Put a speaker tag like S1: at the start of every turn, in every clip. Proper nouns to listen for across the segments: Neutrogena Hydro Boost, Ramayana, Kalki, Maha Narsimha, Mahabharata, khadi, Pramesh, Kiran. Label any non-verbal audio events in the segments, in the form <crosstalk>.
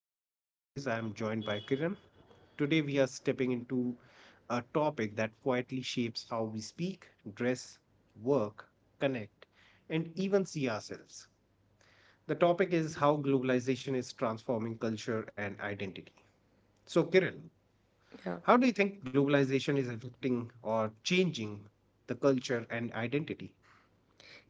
S1: and as always, I'm joined by Kiran. Today, we are stepping into a topic that quietly shapes how we speak, dress, work, connect, and even see ourselves. The topic is how globalization is transforming culture and identity. So, Kiran,
S2: Yeah.
S1: how do you think globalization is affecting or changing the culture and identity?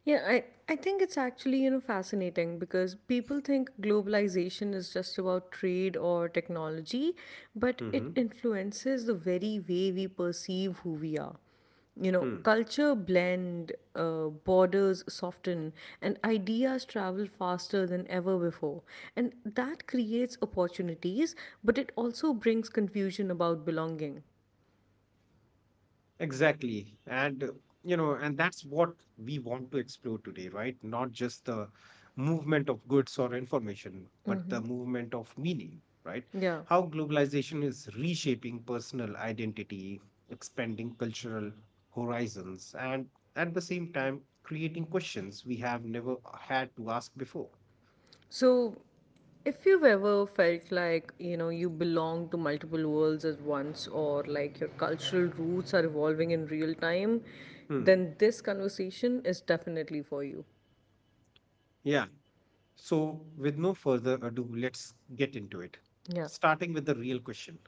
S2: Yeah, I think it's actually, fascinating because people think globalization is just about trade or technology, but
S1: Mm-hmm.
S2: it influences the very way we perceive who we are. Culture blend, borders soften, and ideas travel faster than ever before. And that creates opportunities, but it also brings confusion about belonging.
S1: Exactly. You know, and that's what we want to explore today, right? Not just the movement of goods or information, but the movement of meaning, right?
S2: Yeah.
S1: How globalization is reshaping personal identity, expanding cultural horizons, and at the same time, creating questions we have never had to ask before.
S2: So if you've ever felt like, you belong to multiple worlds at once or like your cultural roots are evolving in real time,
S1: Hmm.
S2: then this conversation is definitely for you.
S1: Yeah. So, with no further ado, let's get into it.
S2: Yeah.
S1: Starting with the real question,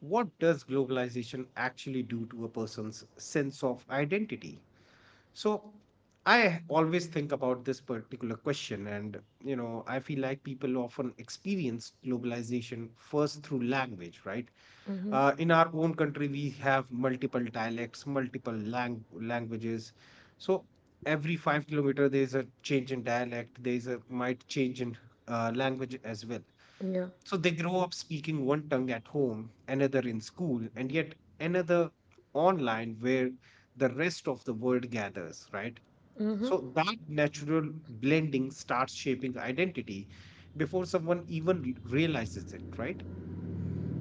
S1: what does globalization actually do to a person's sense of identity? So I always think about this particular question, and you know, I feel like people often experience globalization first through language, right? In our own country, we have multiple dialects, multiple languages. So every 5-kilometer there is a change in dialect, there is a might change in language as well.
S2: Yeah.
S1: So they grow up speaking one tongue at home, another in school, and yet another online where the rest of the world gathers, right? So that natural blending starts shaping identity before someone even realizes it, right?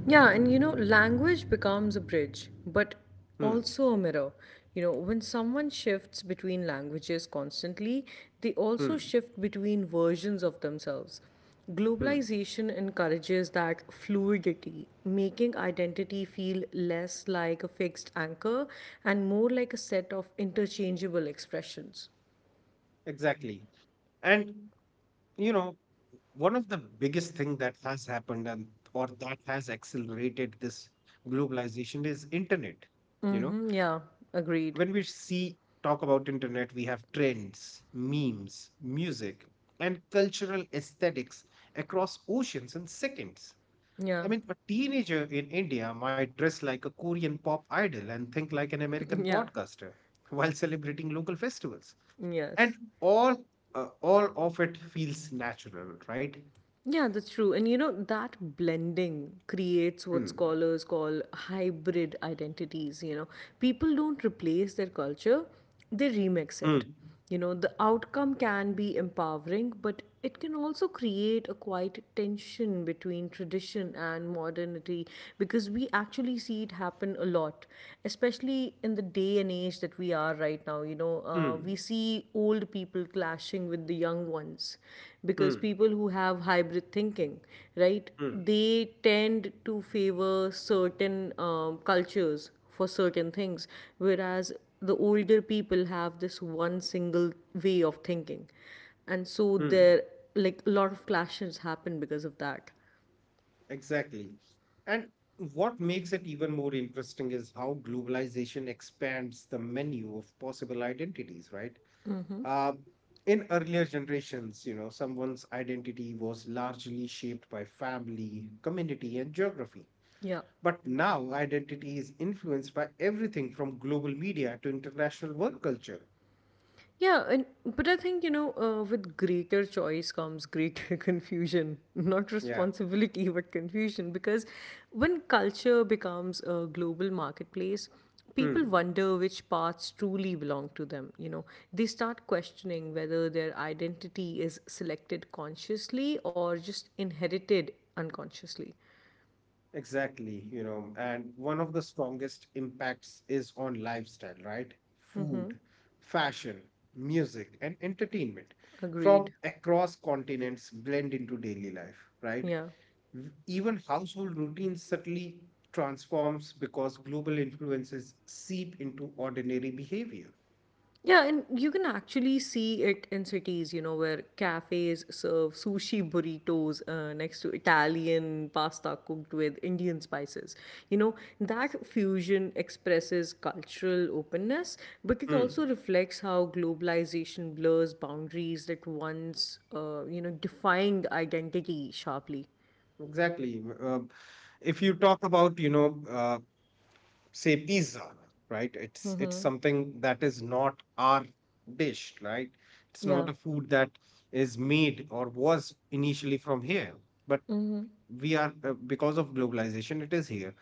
S2: Yeah, and language becomes a bridge, but
S1: Hmm,
S2: also a mirror. When someone shifts between languages constantly, they also
S1: hmm,
S2: shift between versions of themselves.
S1: hmm.
S2: Globalization encourages that fluidity, making identity feel less like a fixed anchor and more like a set of interchangeable expressions.
S1: Exactly. And, you know, one of the biggest thing that has happened and or that has accelerated this globalization is internet. You know,
S2: Mm-hmm, yeah, agreed.
S1: when we see talk about internet, we have trends, memes, music, and cultural aesthetics across oceans in seconds.
S2: Yeah,
S1: I mean, a teenager in India might dress like a Korean pop idol and think like an American
S2: <laughs> yeah,
S1: podcaster while celebrating local festivals and
S2: yes.
S1: all. All of it feels natural, right?
S2: Yeah, that's true. And that blending creates what
S1: Hmm.
S2: scholars call hybrid identities. People don't replace their culture, they remix
S1: Hmm.
S2: it. The outcome can be empowering, but it can also create a quiet tension between tradition and modernity, because we actually see it happen a lot, especially in the day and age that we are right now. you know uh,
S1: Hmm.
S2: we see old people clashing with the young ones because
S1: Hmm.
S2: people who have hybrid thinking, right,
S1: Hmm.
S2: they tend to favor certain cultures for certain things, whereas the older people have this one single way of thinking, and so
S1: Hmm.
S2: there, like, a lot of clashes happen because of that.
S1: Exactly. And what makes it even more interesting is how globalization expands the menu of possible identities, right? Uh, in earlier generations, you know, someone's identity was largely shaped by family, community, and geography.
S2: Yeah.
S1: But now identity is influenced by everything from global media to international work culture.
S2: Yeah, and but I think, with greater choice comes greater <laughs> confusion. Not
S1: Yeah.
S2: responsibility, but confusion. Because when culture becomes a global marketplace, people
S1: Hmm.
S2: wonder which parts truly belong to them. They start questioning whether their identity is selected consciously or just inherited unconsciously.
S1: Exactly, you know, and one of the strongest impacts is on lifestyle, right? Food, fashion, music, and entertainment from
S2: Agreed.
S1: across continents blend into daily life, right?
S2: Yeah.
S1: Even household routines subtly transforms because global influences seep into ordinary behavior.
S2: Yeah, and you can actually see it in cities, where cafes serve sushi burritos next to Italian pasta cooked with Indian spices. You know, that fusion expresses cultural openness, but it
S1: Hmm.
S2: also reflects how globalization blurs boundaries that once, defined identity sharply.
S1: Exactly. If you talk about, you know, say pizza, right? It's something that is not our dish, right? It's
S2: Yeah,
S1: not a food that is made or was initially from here, but we are, because of globalization it is here.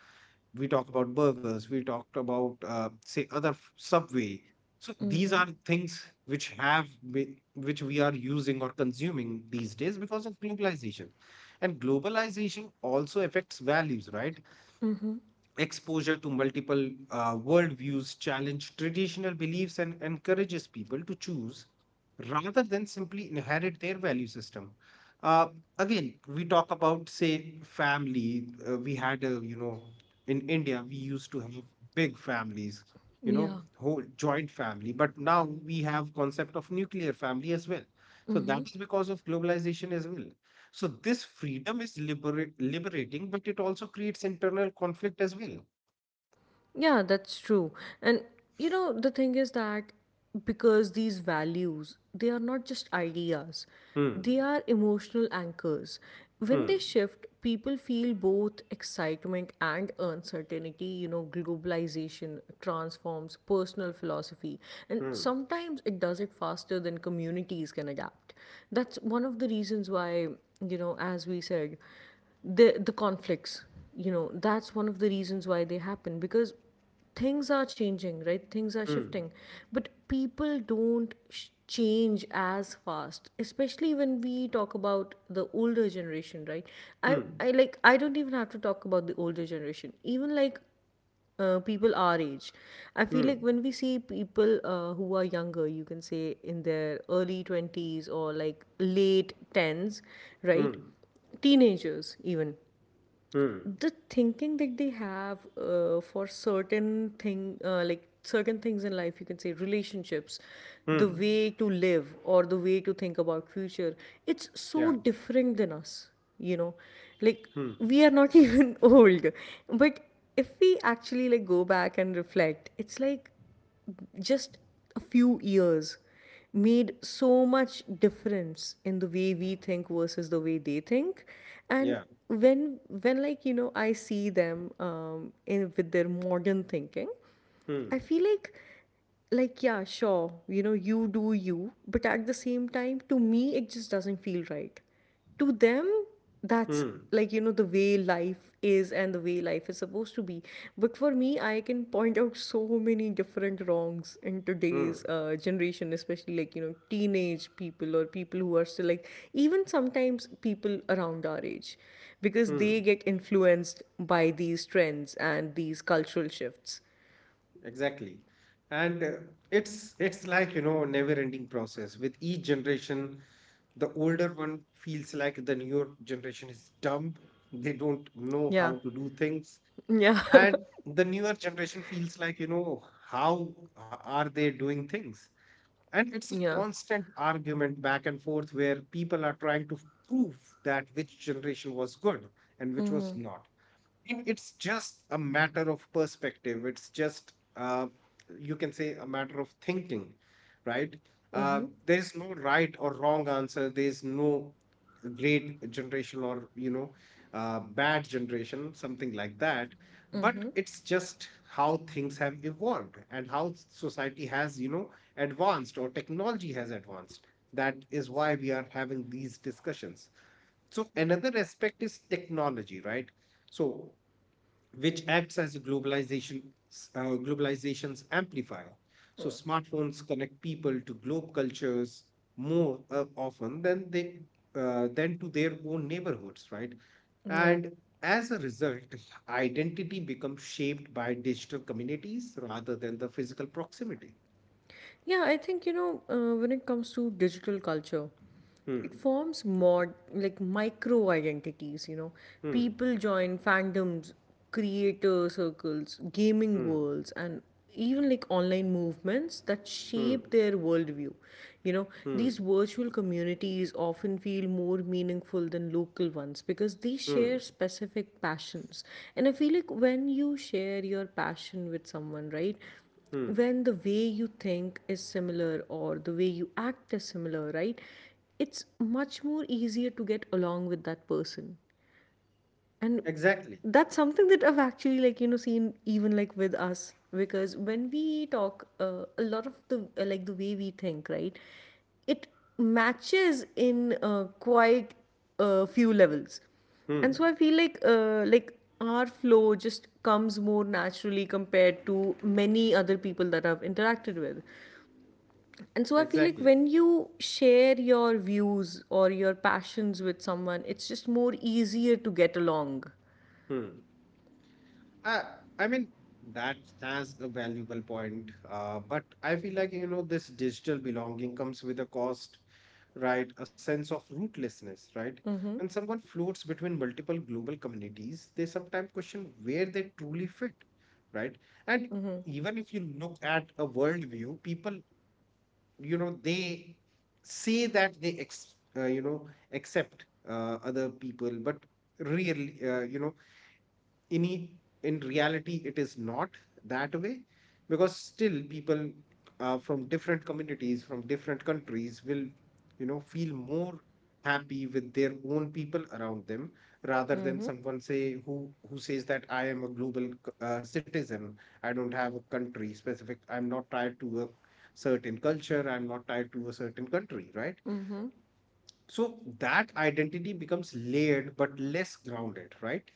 S1: We talk about burgers, we talked about say other subway. So these are things which which we are using or consuming these days because of globalization. And globalization also affects values, right? Exposure to multiple worldviews challenge traditional beliefs and encourages people to choose rather than simply inherit their value system. Uh, Again, we talk about say family. We had a, you know, in India we used to have big families, you
S2: yeah.
S1: know, whole joint family. But now we have concept of nuclear family as well. So that is because of globalization as well. So this freedom is liberating, but it also creates internal conflict as well.
S2: Yeah, that's true. And the thing is that because these values, they are not just ideas,
S1: Hmm.
S2: they are emotional anchors. When
S1: Hmm.
S2: they shift, people feel both excitement and uncertainty. Globalization transforms personal philosophy, and
S1: Hmm.
S2: sometimes it does it faster than communities can adapt. That's one of the reasons why, as we said, the conflicts. That's one of the reasons why they happen, because things are changing, right, things are
S1: Hmm.
S2: shifting, but people don't change as fast, especially when we talk about the older generation, right. i
S1: Hmm.
S2: i like, I don't even have to talk about the older generation, even like, people our age. I feel
S1: Hmm.
S2: like when we see people, who are younger, you can say in their early 20s or like late 10s, right?
S1: Hmm.
S2: Teenagers, even
S1: Hmm.
S2: the thinking that they have, for certain thing, like certain things in life, you can say relationships, the
S1: Hmm.
S2: way to live or the way to think about future, it's so
S1: Yeah.
S2: different than us, you know like
S1: Hmm.
S2: we are not <laughs> even old. But if we actually like go back and reflect, it's like just a few years made so much difference in the way we think versus the way they think. And
S1: Yeah.
S2: when like, I see them, in with their modern thinking, I
S1: Hmm.
S2: feel like, yeah, sure, you do you, but at the same time to me it just doesn't feel right. To them, that's
S1: Hmm.
S2: like, the way life is and the way life is supposed to be. But for me, I can point out so many different wrongs in
S1: Hmm.
S2: today's generation, especially like, teenage people, or people who are still like, even sometimes people around our age, because
S1: Hmm.
S2: they get influenced by these trends and these cultural shifts.
S1: Exactly. And it's like, you know, a never-ending process. With each generation, the older one feels like the newer generation is dumb. They don't know
S2: Yeah.
S1: how to do things.
S2: Yeah. <laughs>
S1: And the newer generation feels like, you know, how are they doing things? And it's a
S2: Yeah.
S1: constant argument back and forth where people are trying to prove that which generation was good and which was
S2: Mhm.
S1: not. And it's just a matter of perspective. It's just, you can say, a matter of thinking, right?
S2: Mhm.
S1: There's no right or wrong answer. There's no great generation or, you know, bad generation, something like that. But
S2: Mhm.
S1: it's just how things have evolved and how society has, you know, advanced or technology has advanced. That is why we are having these discussions. So, another aspect is technology, right? So, which acts as a globalization, globalization's amplifier. So smartphones connect people to globe cultures more often than they, than to their own neighborhoods, right?
S2: Yeah.
S1: And as a result, identity becomes shaped by digital communities rather than the physical proximity.
S2: Yeah, I think, when it comes to digital culture, it
S1: Hmm.
S2: forms mod like micro identities. You know,
S1: Hmm.
S2: people join fandoms, creator circles, gaming
S1: Hmm.
S2: worlds, and even like online movements that
S1: Hmm.
S2: shape their worldview. You know, these
S1: Hmm.
S2: virtual communities often feel more meaningful than local ones because they share
S1: Hmm.
S2: specific passions. And I feel like when you share your passion with someone, right?
S1: Hmm.
S2: When the way you think is similar or the way you act is similar, right? It's much more easier to get along with that person. And
S1: Exactly.
S2: that's something that I've actually like, seen, even like with us, because when we talk, a lot of the, like the way we think, right, it matches in, quite a few levels. And so
S1: Hmm.
S2: I feel like, our flow just comes more naturally compared to many other people that I've interacted with. And so I feel like
S1: Exactly.
S2: when you share your views or your passions with someone, it's just more easier to get along.
S1: Hmm. I I mean, that has a valuable point. But I feel like, you know, this digital belonging comes with a cost, right? A sense of rootlessness, right?
S2: Mm-hmm.
S1: When someone floats between multiple global communities, they sometimes question where they truly fit, right? And
S2: Mm-hmm.
S1: even if you look at a worldview, people, you know, they say that they ex you know, accept other people, but really, you know, in e- in reality it is not that way, because still people from different communities from different countries will, you know, feel more happy with their own people around them rather than
S2: Mm-hmm.
S1: someone say who says that I am a global citizen. I don't have a country specific, I'm not tied to a certain culture, I'm not tied to a certain country, right?
S2: Mm-hmm.
S1: So that identity becomes layered but less grounded, right?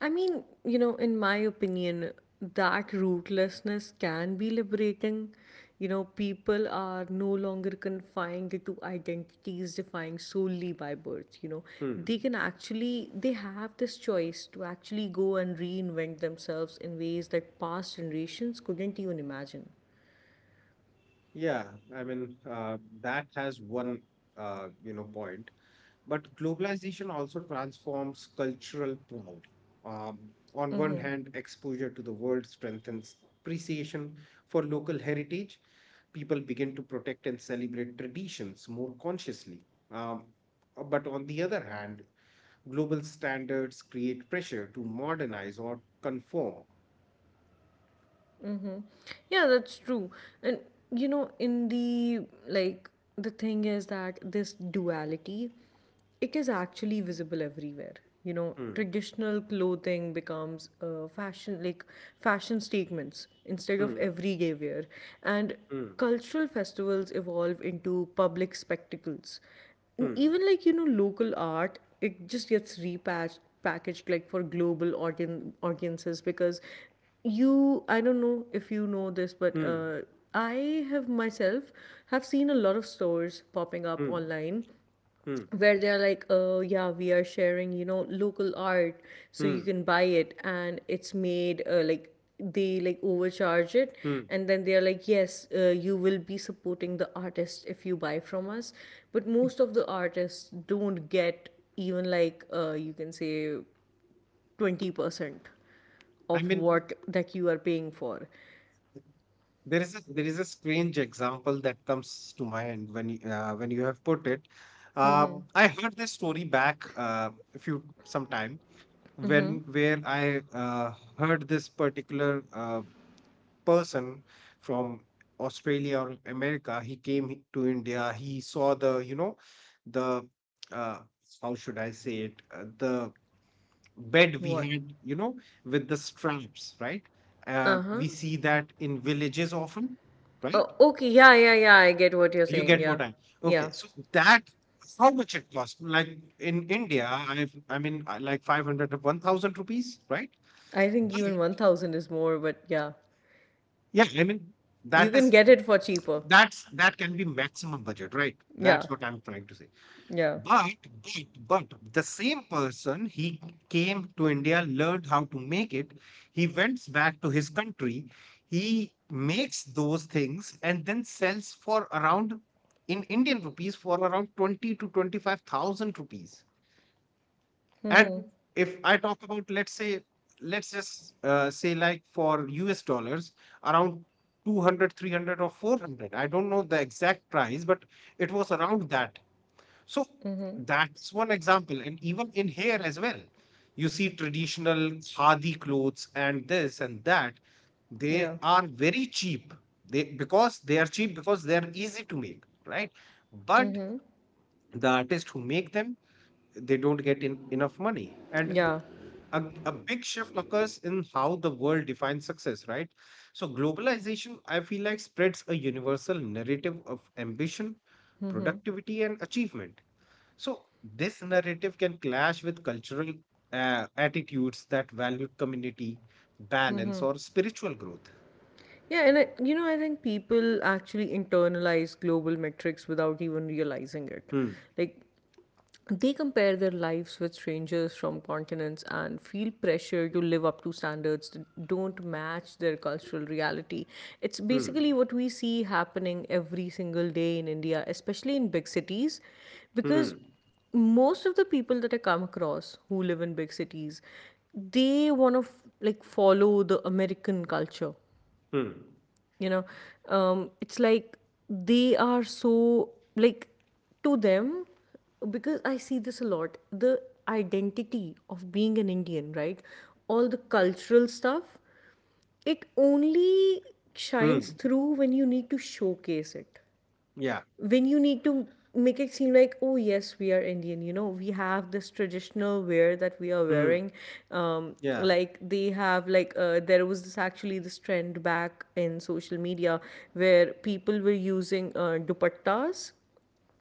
S2: I mean, in my opinion, that rootlessness can be liberating. People are no longer confined to identities defined solely by birth. You know, they
S1: Hmm.
S2: can actually, they have this choice to actually go and reinvent themselves in ways that past generations couldn't even imagine.
S1: Yeah, I mean, that has one, you know, point. But globalization also transforms cultural pride. Um, on one hand, exposure to the world strengthens appreciation for local heritage. People begin to protect and celebrate traditions more consciously. Um, but on the other hand, global standards create pressure to modernize or conform.
S2: Mm-hmm. Yeah, that's true. And you know, in the like, the thing is that this duality, it is actually visible everywhere. You know,
S1: Hmm,
S2: traditional clothing becomes, fashion statements instead of
S1: hmm,
S2: everyday wear, and
S1: hmm,
S2: cultural festivals evolve into public spectacles. And
S1: hmm,
S2: even like, local art, it just gets repackaged packaged like for global audiences, because you I don't know if you know this, but
S1: hmm,
S2: I have myself have seen a lot of stores popping up
S1: hmm,
S2: online
S1: hmm,
S2: where they're like, oh yeah, we are sharing, local art, so you
S1: hmm.
S2: can buy it, and it's made, like they like overcharge it,
S1: Hmm.
S2: and then they're like, yes, you will be supporting the artist if you buy from us. But most of the artists don't get even like, you can say, 20%
S1: I
S2: of
S1: mean,
S2: what that you are paying for.
S1: there is a strange example that comes to mind when when you have put it. I heard this story back, a few some time
S2: Mm-hmm.
S1: when where I heard this particular person from Australia or America. He came to India. He saw, the you know, the uh, how should I say it, the bed we
S2: What?
S1: had, you know, with the straps, right?
S2: Uh-huh.
S1: We see that in villages often, right?
S2: Oh, okay, yeah, yeah, yeah, I get what you're
S1: You
S2: saying.
S1: get
S2: Yeah.
S1: what I, okay.
S2: Yeah.
S1: So that, how much it cost? Like in India, I've, I mean, like 500 to 1000 rupees, right?
S2: I think
S1: But
S2: even 1000 is more, but yeah.
S1: yeah, I mean,
S2: You
S1: that
S2: can
S1: is
S2: get it for cheaper.
S1: that's that can be maximum budget, right?
S2: Yeah.
S1: That's what I'm trying to say.
S2: Yeah.
S1: But, the same person, he came to India, learned how to make it. He went back to his country. He makes those things and then sells for around, in Indian rupees, for around 20 to 25 thousand rupees.
S2: Mm-hmm.
S1: And if I talk about, let's say, let's just say like for US dollars, around 200, 300, or 400. I don't know the exact price, but it was around that. So
S2: Mm-hmm.
S1: that's one example. And even in here as well, you see traditional khadi clothes and this and that.
S2: Yeah.
S1: They are very cheap. They Because they are cheap, because they are easy to make, right? But
S2: Mm-hmm.
S1: the artists who make them, they don't get enough money. And
S2: Yeah.
S1: a big shift occurs in how the world defines success, right? So globalization, I feel like, spreads a universal narrative of ambition, productivity, and achievement. So this narrative can clash with cultural attitudes that value community, balance, or spiritual growth.
S2: Yeah, and I think people actually internalize global metrics without even realizing it.
S1: Hmm.
S2: Like, they compare their lives with strangers from continents and feel pressure to live up to standards that don't match their cultural reality. It's
S1: Hmm.
S2: basically what we see happening every single day in India, especially in big cities,
S1: Hmm.
S2: because most of the people that I come across who live in big cities, they want to like follow the American culture.
S1: Hmm.
S2: You know um, it's like they are so, like, to them, because I see this a lot. The identity of being an Indian, right, all the cultural stuff, it only shines
S1: Hmm.
S2: through when you need to showcase it,
S1: Yeah.
S2: when you need to make it seem like, oh yes, we are Indian, we have this traditional wear that we are
S1: Hmm.
S2: wearing. um
S1: Yeah.
S2: like they have, like, there was this actually this trend back in social media where people were using, dupattas,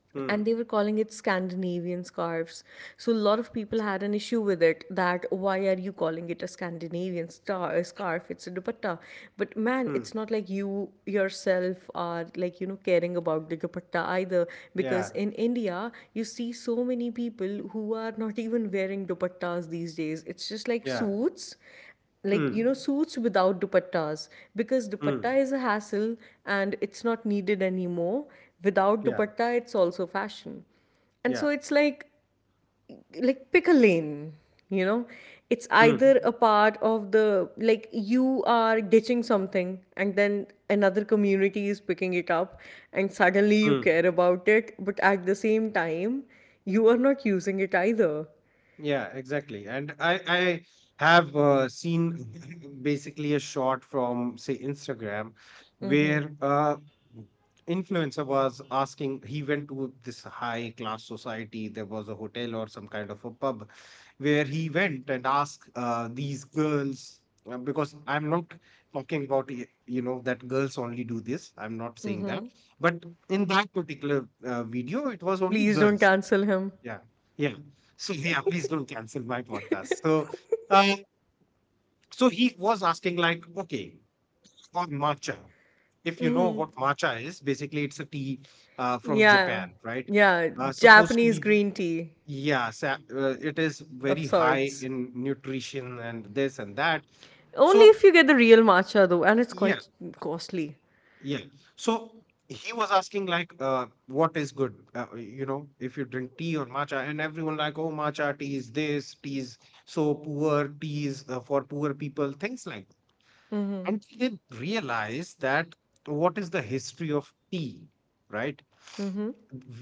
S1: Hmm.
S2: and they were calling it Scandinavian scarves. So a lot of people had an issue with it that why are you calling it a Scandinavian star scarf? It's a dupatta. But man,
S1: Hmm.
S2: it's not like you yourself are like, caring about the dupatta either,
S1: Yeah.
S2: because in India, you see so many people who are not even wearing dupattas these days. It's just like
S1: Yeah.
S2: suits, like,
S1: Hmm.
S2: suits without dupattas, because dupatta
S1: Hmm.
S2: is a hassle and it's not needed anymore. Without
S1: Yeah.
S2: dupatta, it's also fashion. And
S1: Yeah.
S2: so it's like, pick a lane, you know it's
S1: Hmm.
S2: either a part of the, like, you are ditching something, and then another community is picking it up, and suddenly you
S1: Hmm.
S2: care about it, but at the same time, you are not using it either.
S1: Yeah, exactly. And I have seen <laughs> basically a shot from say Instagram where, influencer was asking, he went to this high class society, there was a hotel or some kind of a pub where he went and asked these girls, because I'm not talking about you know, that girls only do this, I'm not saying that, but in that particular video it was only
S2: Please don't
S1: girls.
S2: cancel him.
S1: Yeah, yeah. So yeah, please don't cancel my podcast. So, uh, so he was asking like, okay, on matcha. If you know what matcha is, basically it's a tea from
S2: Yeah,
S1: Japan, right?
S2: yeah,
S1: Supposed to
S2: Japanese
S1: be,
S2: green tea
S1: it is
S2: of
S1: very high
S2: sorts.
S1: in nutrition and this and that.
S2: Only
S1: So
S2: if you get the real matcha though, and it's
S1: yeah,
S2: quite costly.
S1: yeah. So he was asking like, what is good? You know, if you drink tea or matcha, and everyone like, oh, matcha tea is this, tea is so poor, tea is for poor people, things like that. Until they realize that what is the history of tea, right?
S2: Mm-hmm.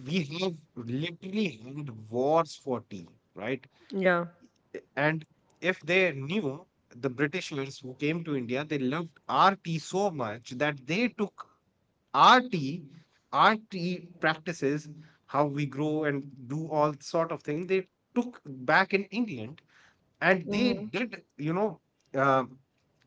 S1: We have literally had wars for tea, right?
S2: Yeah.
S1: And if they knew the Britishers who came to India, they loved our tea so much that they took rt rt practices how we grow and do all sort of things. They took back in England, and they
S2: Mm-hmm.
S1: did, uh,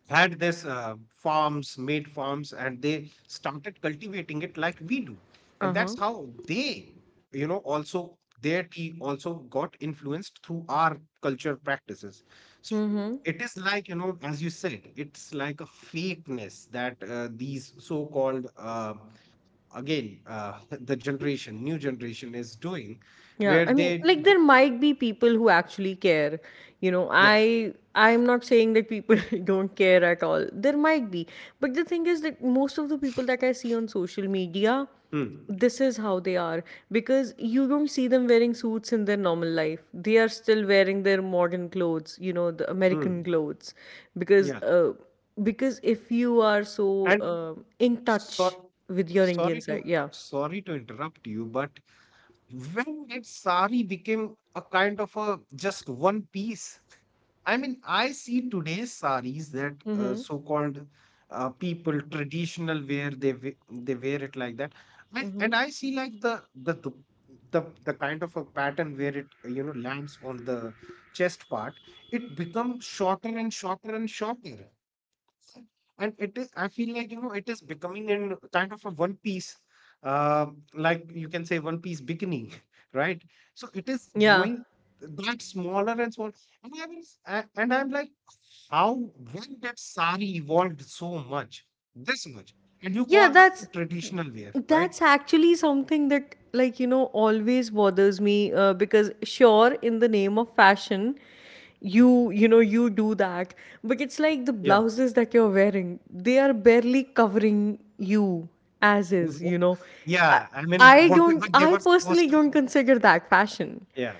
S1: had this farms, made farms, and they started cultivating it like we do. And
S2: Uh-huh.
S1: that's how they, you know, also their tea also got influenced through our culture practices. So
S2: Mm-hmm.
S1: it is like, you know, as you said, it's like a fakeness that these so-called, again <laughs> the generation new generation is doing,
S2: Yeah,
S1: where
S2: I mean,
S1: they
S2: like,
S1: do.
S2: there might be people who actually care. You know,
S1: Yeah.
S2: I I'm not saying that people <laughs> don't care at all. There might be. But the thing is that most of the people that I see on social media,
S1: Mm.
S2: this is how they are, because you don't see them wearing suits in their normal life. They are still wearing their modern clothes, the
S1: Mm.
S2: American clothes,
S1: Yeah.
S2: because uh, because if you are so
S1: And
S2: in
S1: so
S2: touch with your
S1: sorry
S2: Indian
S1: to
S2: side, yeah.
S1: sorry to interrupt you, but when did sari became a kind of a just one piece? I mean, I see today's saris that,
S2: Mhm.
S1: so called people traditional wear, they they wear it like that. And,
S2: Mhm.
S1: I see like the the dup- the kind of a pattern where it, lands on the chest part. It becomes shorter and shorter and shorter, and it is, I feel like, you know, it is becoming in kind of a one piece, uh, like you can say one piece bikini. <laughs> Right? So it is
S2: Yeah.
S1: growing that smaller and small. And I'm like, how, when did sari evolved so much, this much, and you
S2: Yeah,
S1: call that
S2: that's
S1: a traditional wear, right?
S2: that's actually something that, like you know, always bothers me, because sure, in the name of fashion
S1: Hmm.
S2: you know you do that. But it's like
S1: Yeah.
S2: the blouses that you're wearing, they are barely covering you
S1: <laughs>
S2: as
S1: With
S2: is,
S1: what-
S2: you know.
S1: yeah,
S2: I,
S1: I mean,
S2: I
S1: whatever
S2: don't
S1: they were
S2: I
S1: supposed
S2: personally
S1: to.
S2: don't consider that fashion,
S1: Yeah,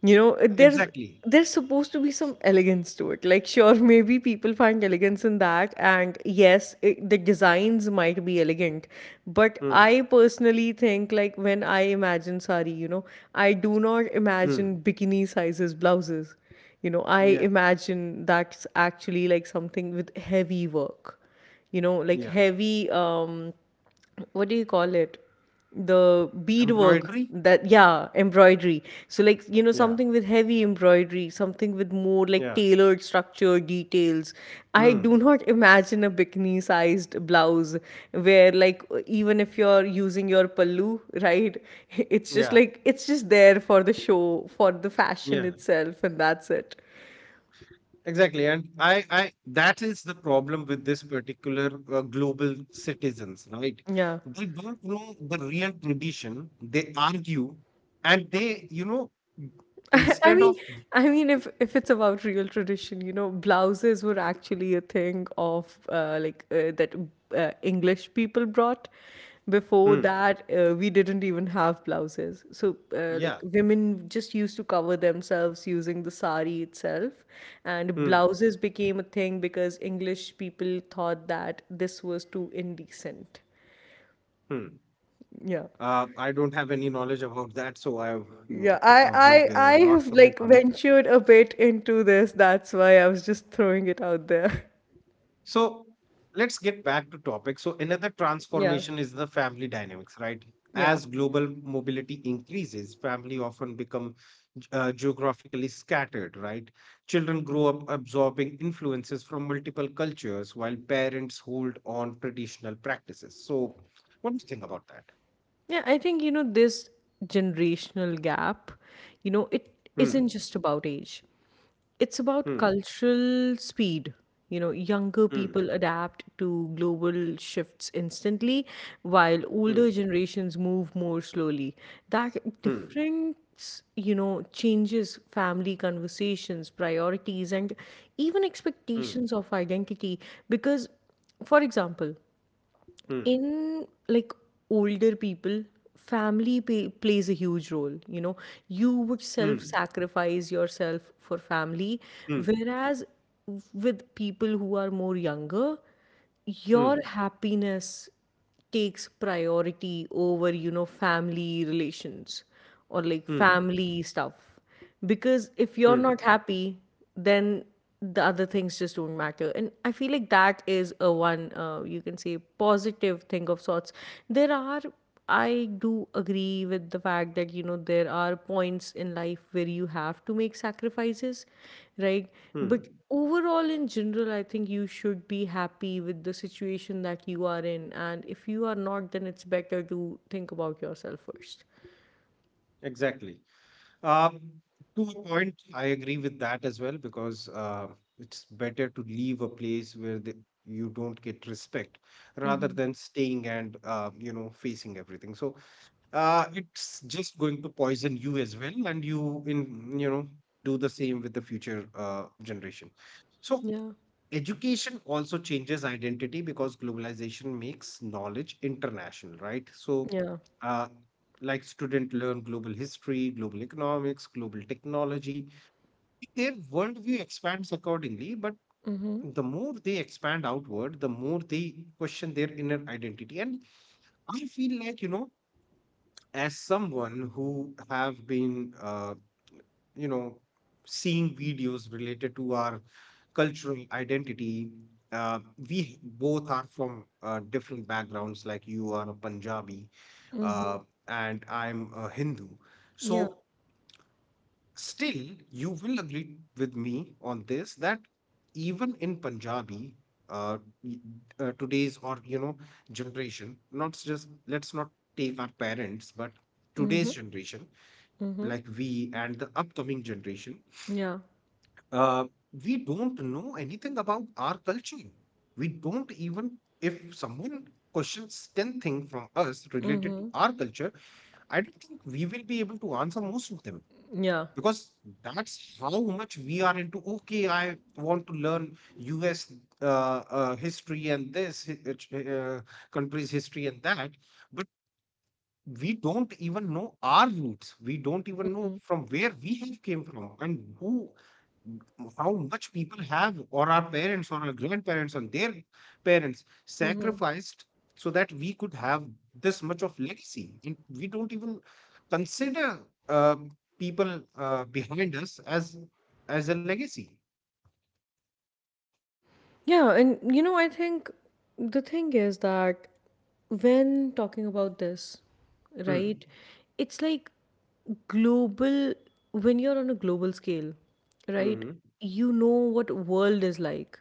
S2: you know. there's
S1: exactly.
S2: there's supposed to be some elegance to it. Like sure, <laughs> maybe people find elegance in that, and yes, the designs might be elegant, but
S1: Hmm.
S2: I personally think, like, when I imagine sari, you know, I do not imagine
S1: Hmm.
S2: bikini sizes blouses, you know. I
S1: Yeah,
S2: imagine that's actually like something with heavy work, you know, like
S1: yeah,
S2: heavy, what do you call it, the beadwork,
S1: embroidery.
S2: that, yeah, embroidery. So, like, you know,
S1: Yeah,
S2: something with heavy embroidery, something with more like
S1: yeah.
S2: tailored structure details. I do
S1: Mm.
S2: not <laughs> imagine a bikini sized blouse where, like, even if you're using your pallu, right, <laughs> it's just
S1: Yeah,
S2: like it's just there for the show, for the fashion
S1: yeah,
S2: itself, and that's it.
S1: exactly. And that is the problem with this particular, global citizens, right?
S2: Yeah.
S1: They don't know the real tradition. They argue, and they, you know,
S2: <laughs> I
S1: instead
S2: mean,
S1: of,
S2: if it's about real tradition, you know, blouses were actually a thing of, like, that English people brought. Before
S1: hmm,
S2: that, we didn't even have blouses, so, like,
S1: yeah,
S2: women just used to cover themselves using the sari itself, and
S1: hmm,
S2: blouses became a thing because English people thought that this was too indecent.
S1: hmm.
S2: Yeah.
S1: I don't have any knowledge about that, so I w-
S2: Yeah,
S1: would,
S2: I
S1: not
S2: have
S1: comment
S2: like
S1: on it.
S2: ventured a bit into this. That's why I was just throwing it out there. <laughs>
S1: So let's get back to topic. So another
S2: Yeah,
S1: transformation is the family dynamics, right?
S2: yeah.
S1: As global mobility increases, family often become geographically scattered, right? Children grow up absorbing influences from multiple cultures while parents hold on traditional practices. So what do you think about that?
S2: Yeah, I think, you know, this generational gap, you know, it isn't
S1: Hmm.
S2: just about age. It's about
S1: Hmm.
S2: cultural speed. You know, younger
S1: Hmm.
S2: people adapt to global shifts instantly, while older
S1: Hmm.
S2: generations move more slowly. That
S1: Hmm.
S2: difference, you know, changes family conversations, priorities, and even
S1: Hmm.
S2: expectations of identity. Because, for example,
S1: Hmm.
S2: in like older people, plays a huge role, you know. You would self
S1: Hmm.
S2: sacrifice yourself for family,
S1: Hmm. Hmm.
S2: whereas with people who are more younger, your
S1: Hmm.
S2: happiness takes priority over, you know, family relations or like
S1: Hmm.
S2: family stuff. Because if you're not
S1: Hmm.
S2: happy, then the other things just don't matter. And I feel like that is a one, you can say, positive thing of sorts. There are I do agree with the fact that, you know, there are points in life where you have to make sacrifices, right? But
S1: Hmm.
S2: overall, in general, I think you should be happy with the situation that you are in, and if you are not, then it's better to think about yourself first.
S1: Exactly. Um, to a point, I agree with that as well, because it's better to leave a place where you don't get respect, rather
S2: Mm-hmm.
S1: than staying and, facing everything. So, it's just going to poison you as well, and you in, you know, do the same with the future, generation. So
S2: Yeah.
S1: education also changes identity because globalization makes knowledge international, right? So,
S2: Yeah.
S1: uh, like students learn global history, global economics, global technology. Their worldview expands accordingly, but
S2: Mm-hmm.
S1: the more they expand outward, the more they question their inner identity. And I feel like, you know, as someone who have been, you know seeing videos related to our cultural identity, uh, we both are from, different backgrounds. Like you are a Punjabi,
S2: Mm-hmm.
S1: uh, and I'm a Hindu. So
S2: Yeah.
S1: still, you will agree with me on this that even in Punjabi, uh, y- today's, or you know, generation, not just, let's not take our parents, but
S2: Mm-hmm.
S1: today's generation,
S2: Mm-hmm.
S1: like we and the upcoming generation,
S2: Yeah.
S1: uh, we don't know anything about our culture. We don't. Even if someone questions ten things from us related to
S2: Mm-hmm.
S1: our culture, I don't think we will be able to answer most of them,
S2: Yeah.
S1: because that's how much we are into, okay, I want to learn us, uh, history and country's history and that. But we don't even know our roots. We don't even know from where we have came from, and who how much people have, or our parents or our grandparents and their parents
S2: Mm-hmm.
S1: sacrificed so that we could have this much of legacy, and we don't even consider, uh, people, behind us as a legacy.
S2: Yeah, and you know, I think the thing is that when talking about this,
S1: Hmm.
S2: right, it's like global, when you're on a global scale, right,
S1: Hmm.
S2: you know what world is like.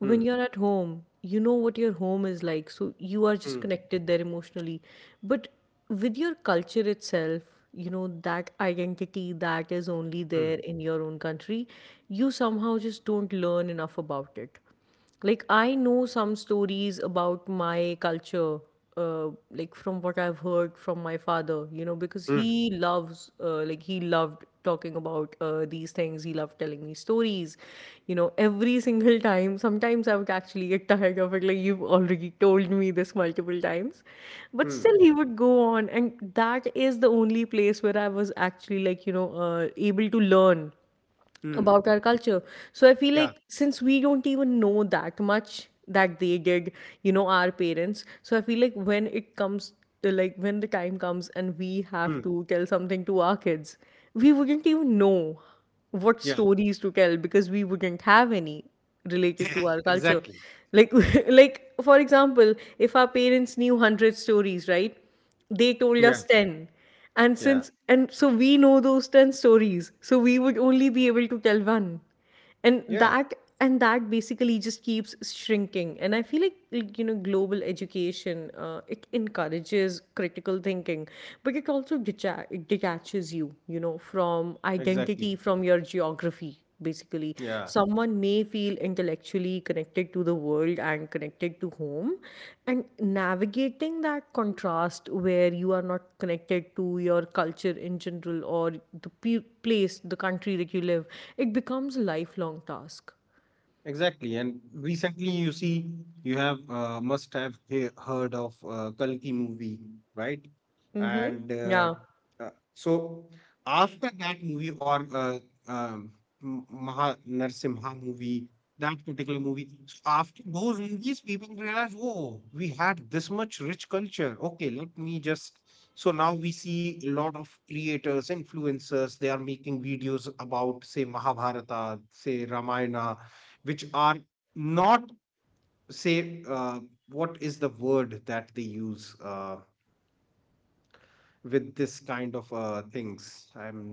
S2: When
S1: Hmm.
S2: you're at home, you know what your home is like. So you are just
S1: Hmm.
S2: connected there emotionally. But with your culture itself, you know, that identity that is only
S1: Hmm.
S2: there in your own country, you somehow just don't learn enough about it. Like, I know some stories about my culture, like from what I've heard from my father. You know, because
S1: Hmm.
S2: he loves, like, he loved talking about, these things. He loved telling me stories, you know, every <laughs> single time. Sometimes I would actually get tired of it, like, you've already told me this multiple times, but
S1: Hmm.
S2: still he would go on, and that is the only place where I was actually, like, you know, able to learn about
S1: Hmm.
S2: our culture. So I feel
S1: Yeah.
S2: like since we don't even know that much that they did, you know, our parents. So I feel like when it comes to, when the time comes and we
S1: Hmm.
S2: have to tell something to our kids, we wouldn't even know what
S1: Yeah.
S2: stories to tell because we wouldn't have any related to our
S1: <laughs>
S2: culture.
S1: Exactly.
S2: Like, <laughs> like, for example, if our parents knew 100 stories, right? They told us
S1: Yeah,
S2: 10, and
S1: yeah,
S2: since and so we know those 10 stories, so we would only be able to tell one. and
S1: yeah,
S2: that and that basically just keeps shrinking. And I feel like, you know, global education, it encourages critical thinking, but it also detaches you, you know, from
S1: exactly.
S2: identity, from your geography basically.
S1: Yeah.
S2: Someone may feel intellectually connected to the world and connected to home, and navigating that contrast, where you are not connected to your culture in general or the pe- place, the country that you live, it becomes a lifelong task.
S1: Exactly. And recently, you see, you have, must have heard of, Kalki movie, right?
S2: Mm-hmm.
S1: And
S2: Yeah.
S1: so after that movie, or um, Maha Narsimha movie, that particular movie. So after those movies, people realize, oh, we had this much rich culture. Okay, let me just. So now we see a lot of creators, influencers, they are making videos about, say, Mahabharata, say, Ramayana, which are not, say, what is the word that they use, with this kind of, things. I'm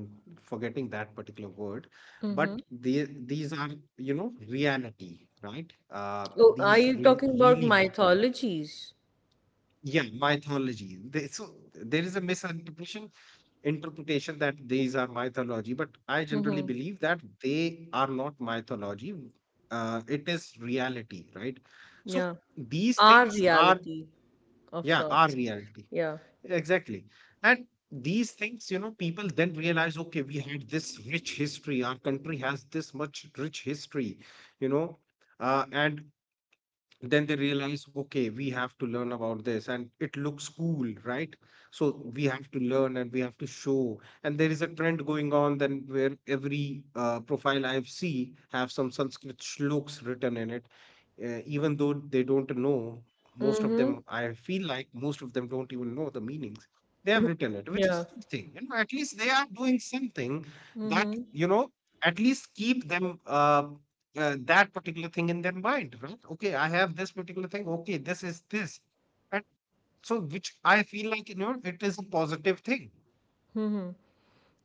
S1: forgetting that particular word, but
S2: Mm-hmm.
S1: the, these are, you know, reality, right?
S2: Oh, are you talking about
S1: Really happened.
S2: mythologies?
S1: Yeah, mythology. So there is a misinterpretation interpretation that these are mythology, but I generally
S2: Mm-hmm.
S1: believe that they are not mythology. It is reality, right? So
S2: Yeah,
S1: these
S2: our
S1: things are,
S2: reality of
S1: yeah, are
S2: sorts.
S1: reality.
S2: Yeah.
S1: Exactly. And these things, you know, people then realize, okay, we had this rich history. Our country has this much rich history, you know, and then they realize, okay, we have to learn about this, and it looks cool, right? So we have to learn and we have to show. And there is a trend going on then where every, profile I have see have some Sanskrit shlokes written in it, even though they don't know. Most of
S2: Mm-hmm.
S1: them, I feel like most of them don't even know the meanings. They have written it, which
S2: Yeah.
S1: is something, you know, at least they are doing something, that, you know, at least keep them, that particular thing in their mind, right? Okay, I have this particular thing. Okay, this is this, and so which I feel like, you know, it is a positive thing.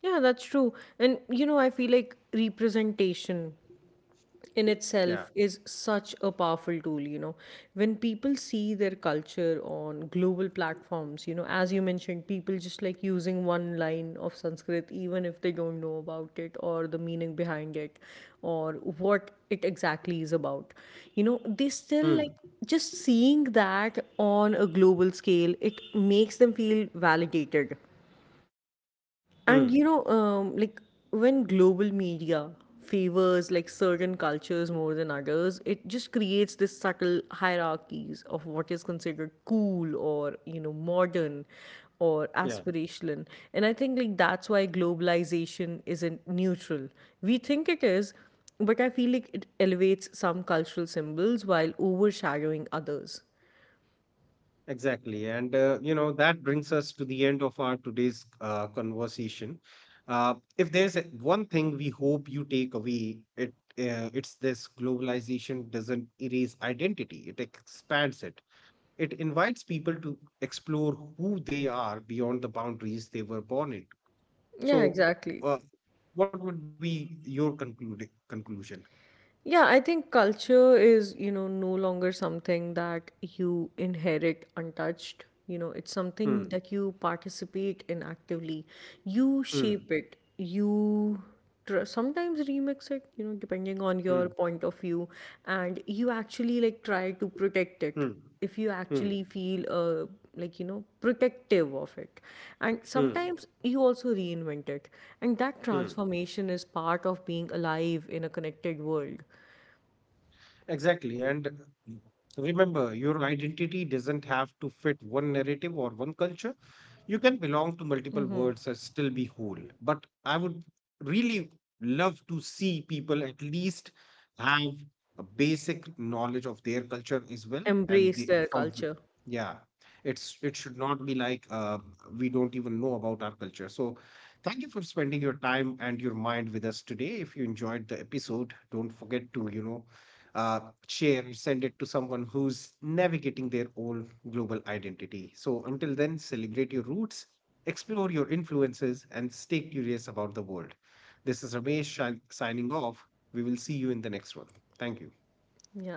S2: Yeah, that's true. And you know, I feel like representation in
S1: Yeah.
S2: itself is such a powerful tool, you know. When people see their culture on global platforms, you know, as you mentioned, people just like using one line of Sanskrit, even if they don't know about it or the meaning behind it or what it exactly is about, you know, they still like
S1: Hmm.
S2: just seeing that on a global scale, it makes them feel validated. And
S1: Hmm.
S2: you know, like, when global media favors like certain cultures more than others, it just creates this subtle hierarchies of what is considered cool, or, you know, modern or
S1: Yeah.
S2: aspirational. And I think like that's why globalization isn't neutral. We think it is, but I feel like it elevates some cultural symbols while overshadowing others.
S1: Exactly. And, you know, that brings us to the end of our today's, conversation. If there's a- one thing we hope you take away, it's this: globalization doesn't erase identity; it expands it. It invites people to explore who they are beyond the boundaries they were born into.
S2: Yeah,
S1: So,
S2: exactly.
S1: uh, what would be your concluding conclusion?
S2: Yeah, I think culture is, you know, no longer something that you inherit untouched. You know, it's something
S1: Hmm,
S2: that you participate in actively. You
S1: hmm,
S2: shape it. You sometimes remix it, you know, depending on your
S1: hmm,
S2: point of view. And you actually like try to protect it
S1: hmm,
S2: if you
S1: hmm,
S2: actually feel, like, you know, protective of it. And
S1: hmm,
S2: sometimes you also reinvent it, and that
S1: hmm.
S2: transformation is part of being alive in a connected world.
S1: Exactly. And remember, your identity doesn't have to fit one narrative or one culture. You can belong to multiple worlds and still be whole. But I would really love to see people at least have a basic knowledge of their culture as well. And
S2: Embrace
S1: they,
S2: their culture.
S1: yeah, it's it should not be like, we don't even know about our culture. So thank you for spending your time and your mind with us today. If you enjoyed the episode, don't forget to, you know, uh, share, and send it to someone who's navigating their own global identity. So until then, celebrate your roots, explore your influences, and stay curious about the world. This is Ramesh, signing off. We will see you in the next one. Thank you.
S2: Yeah.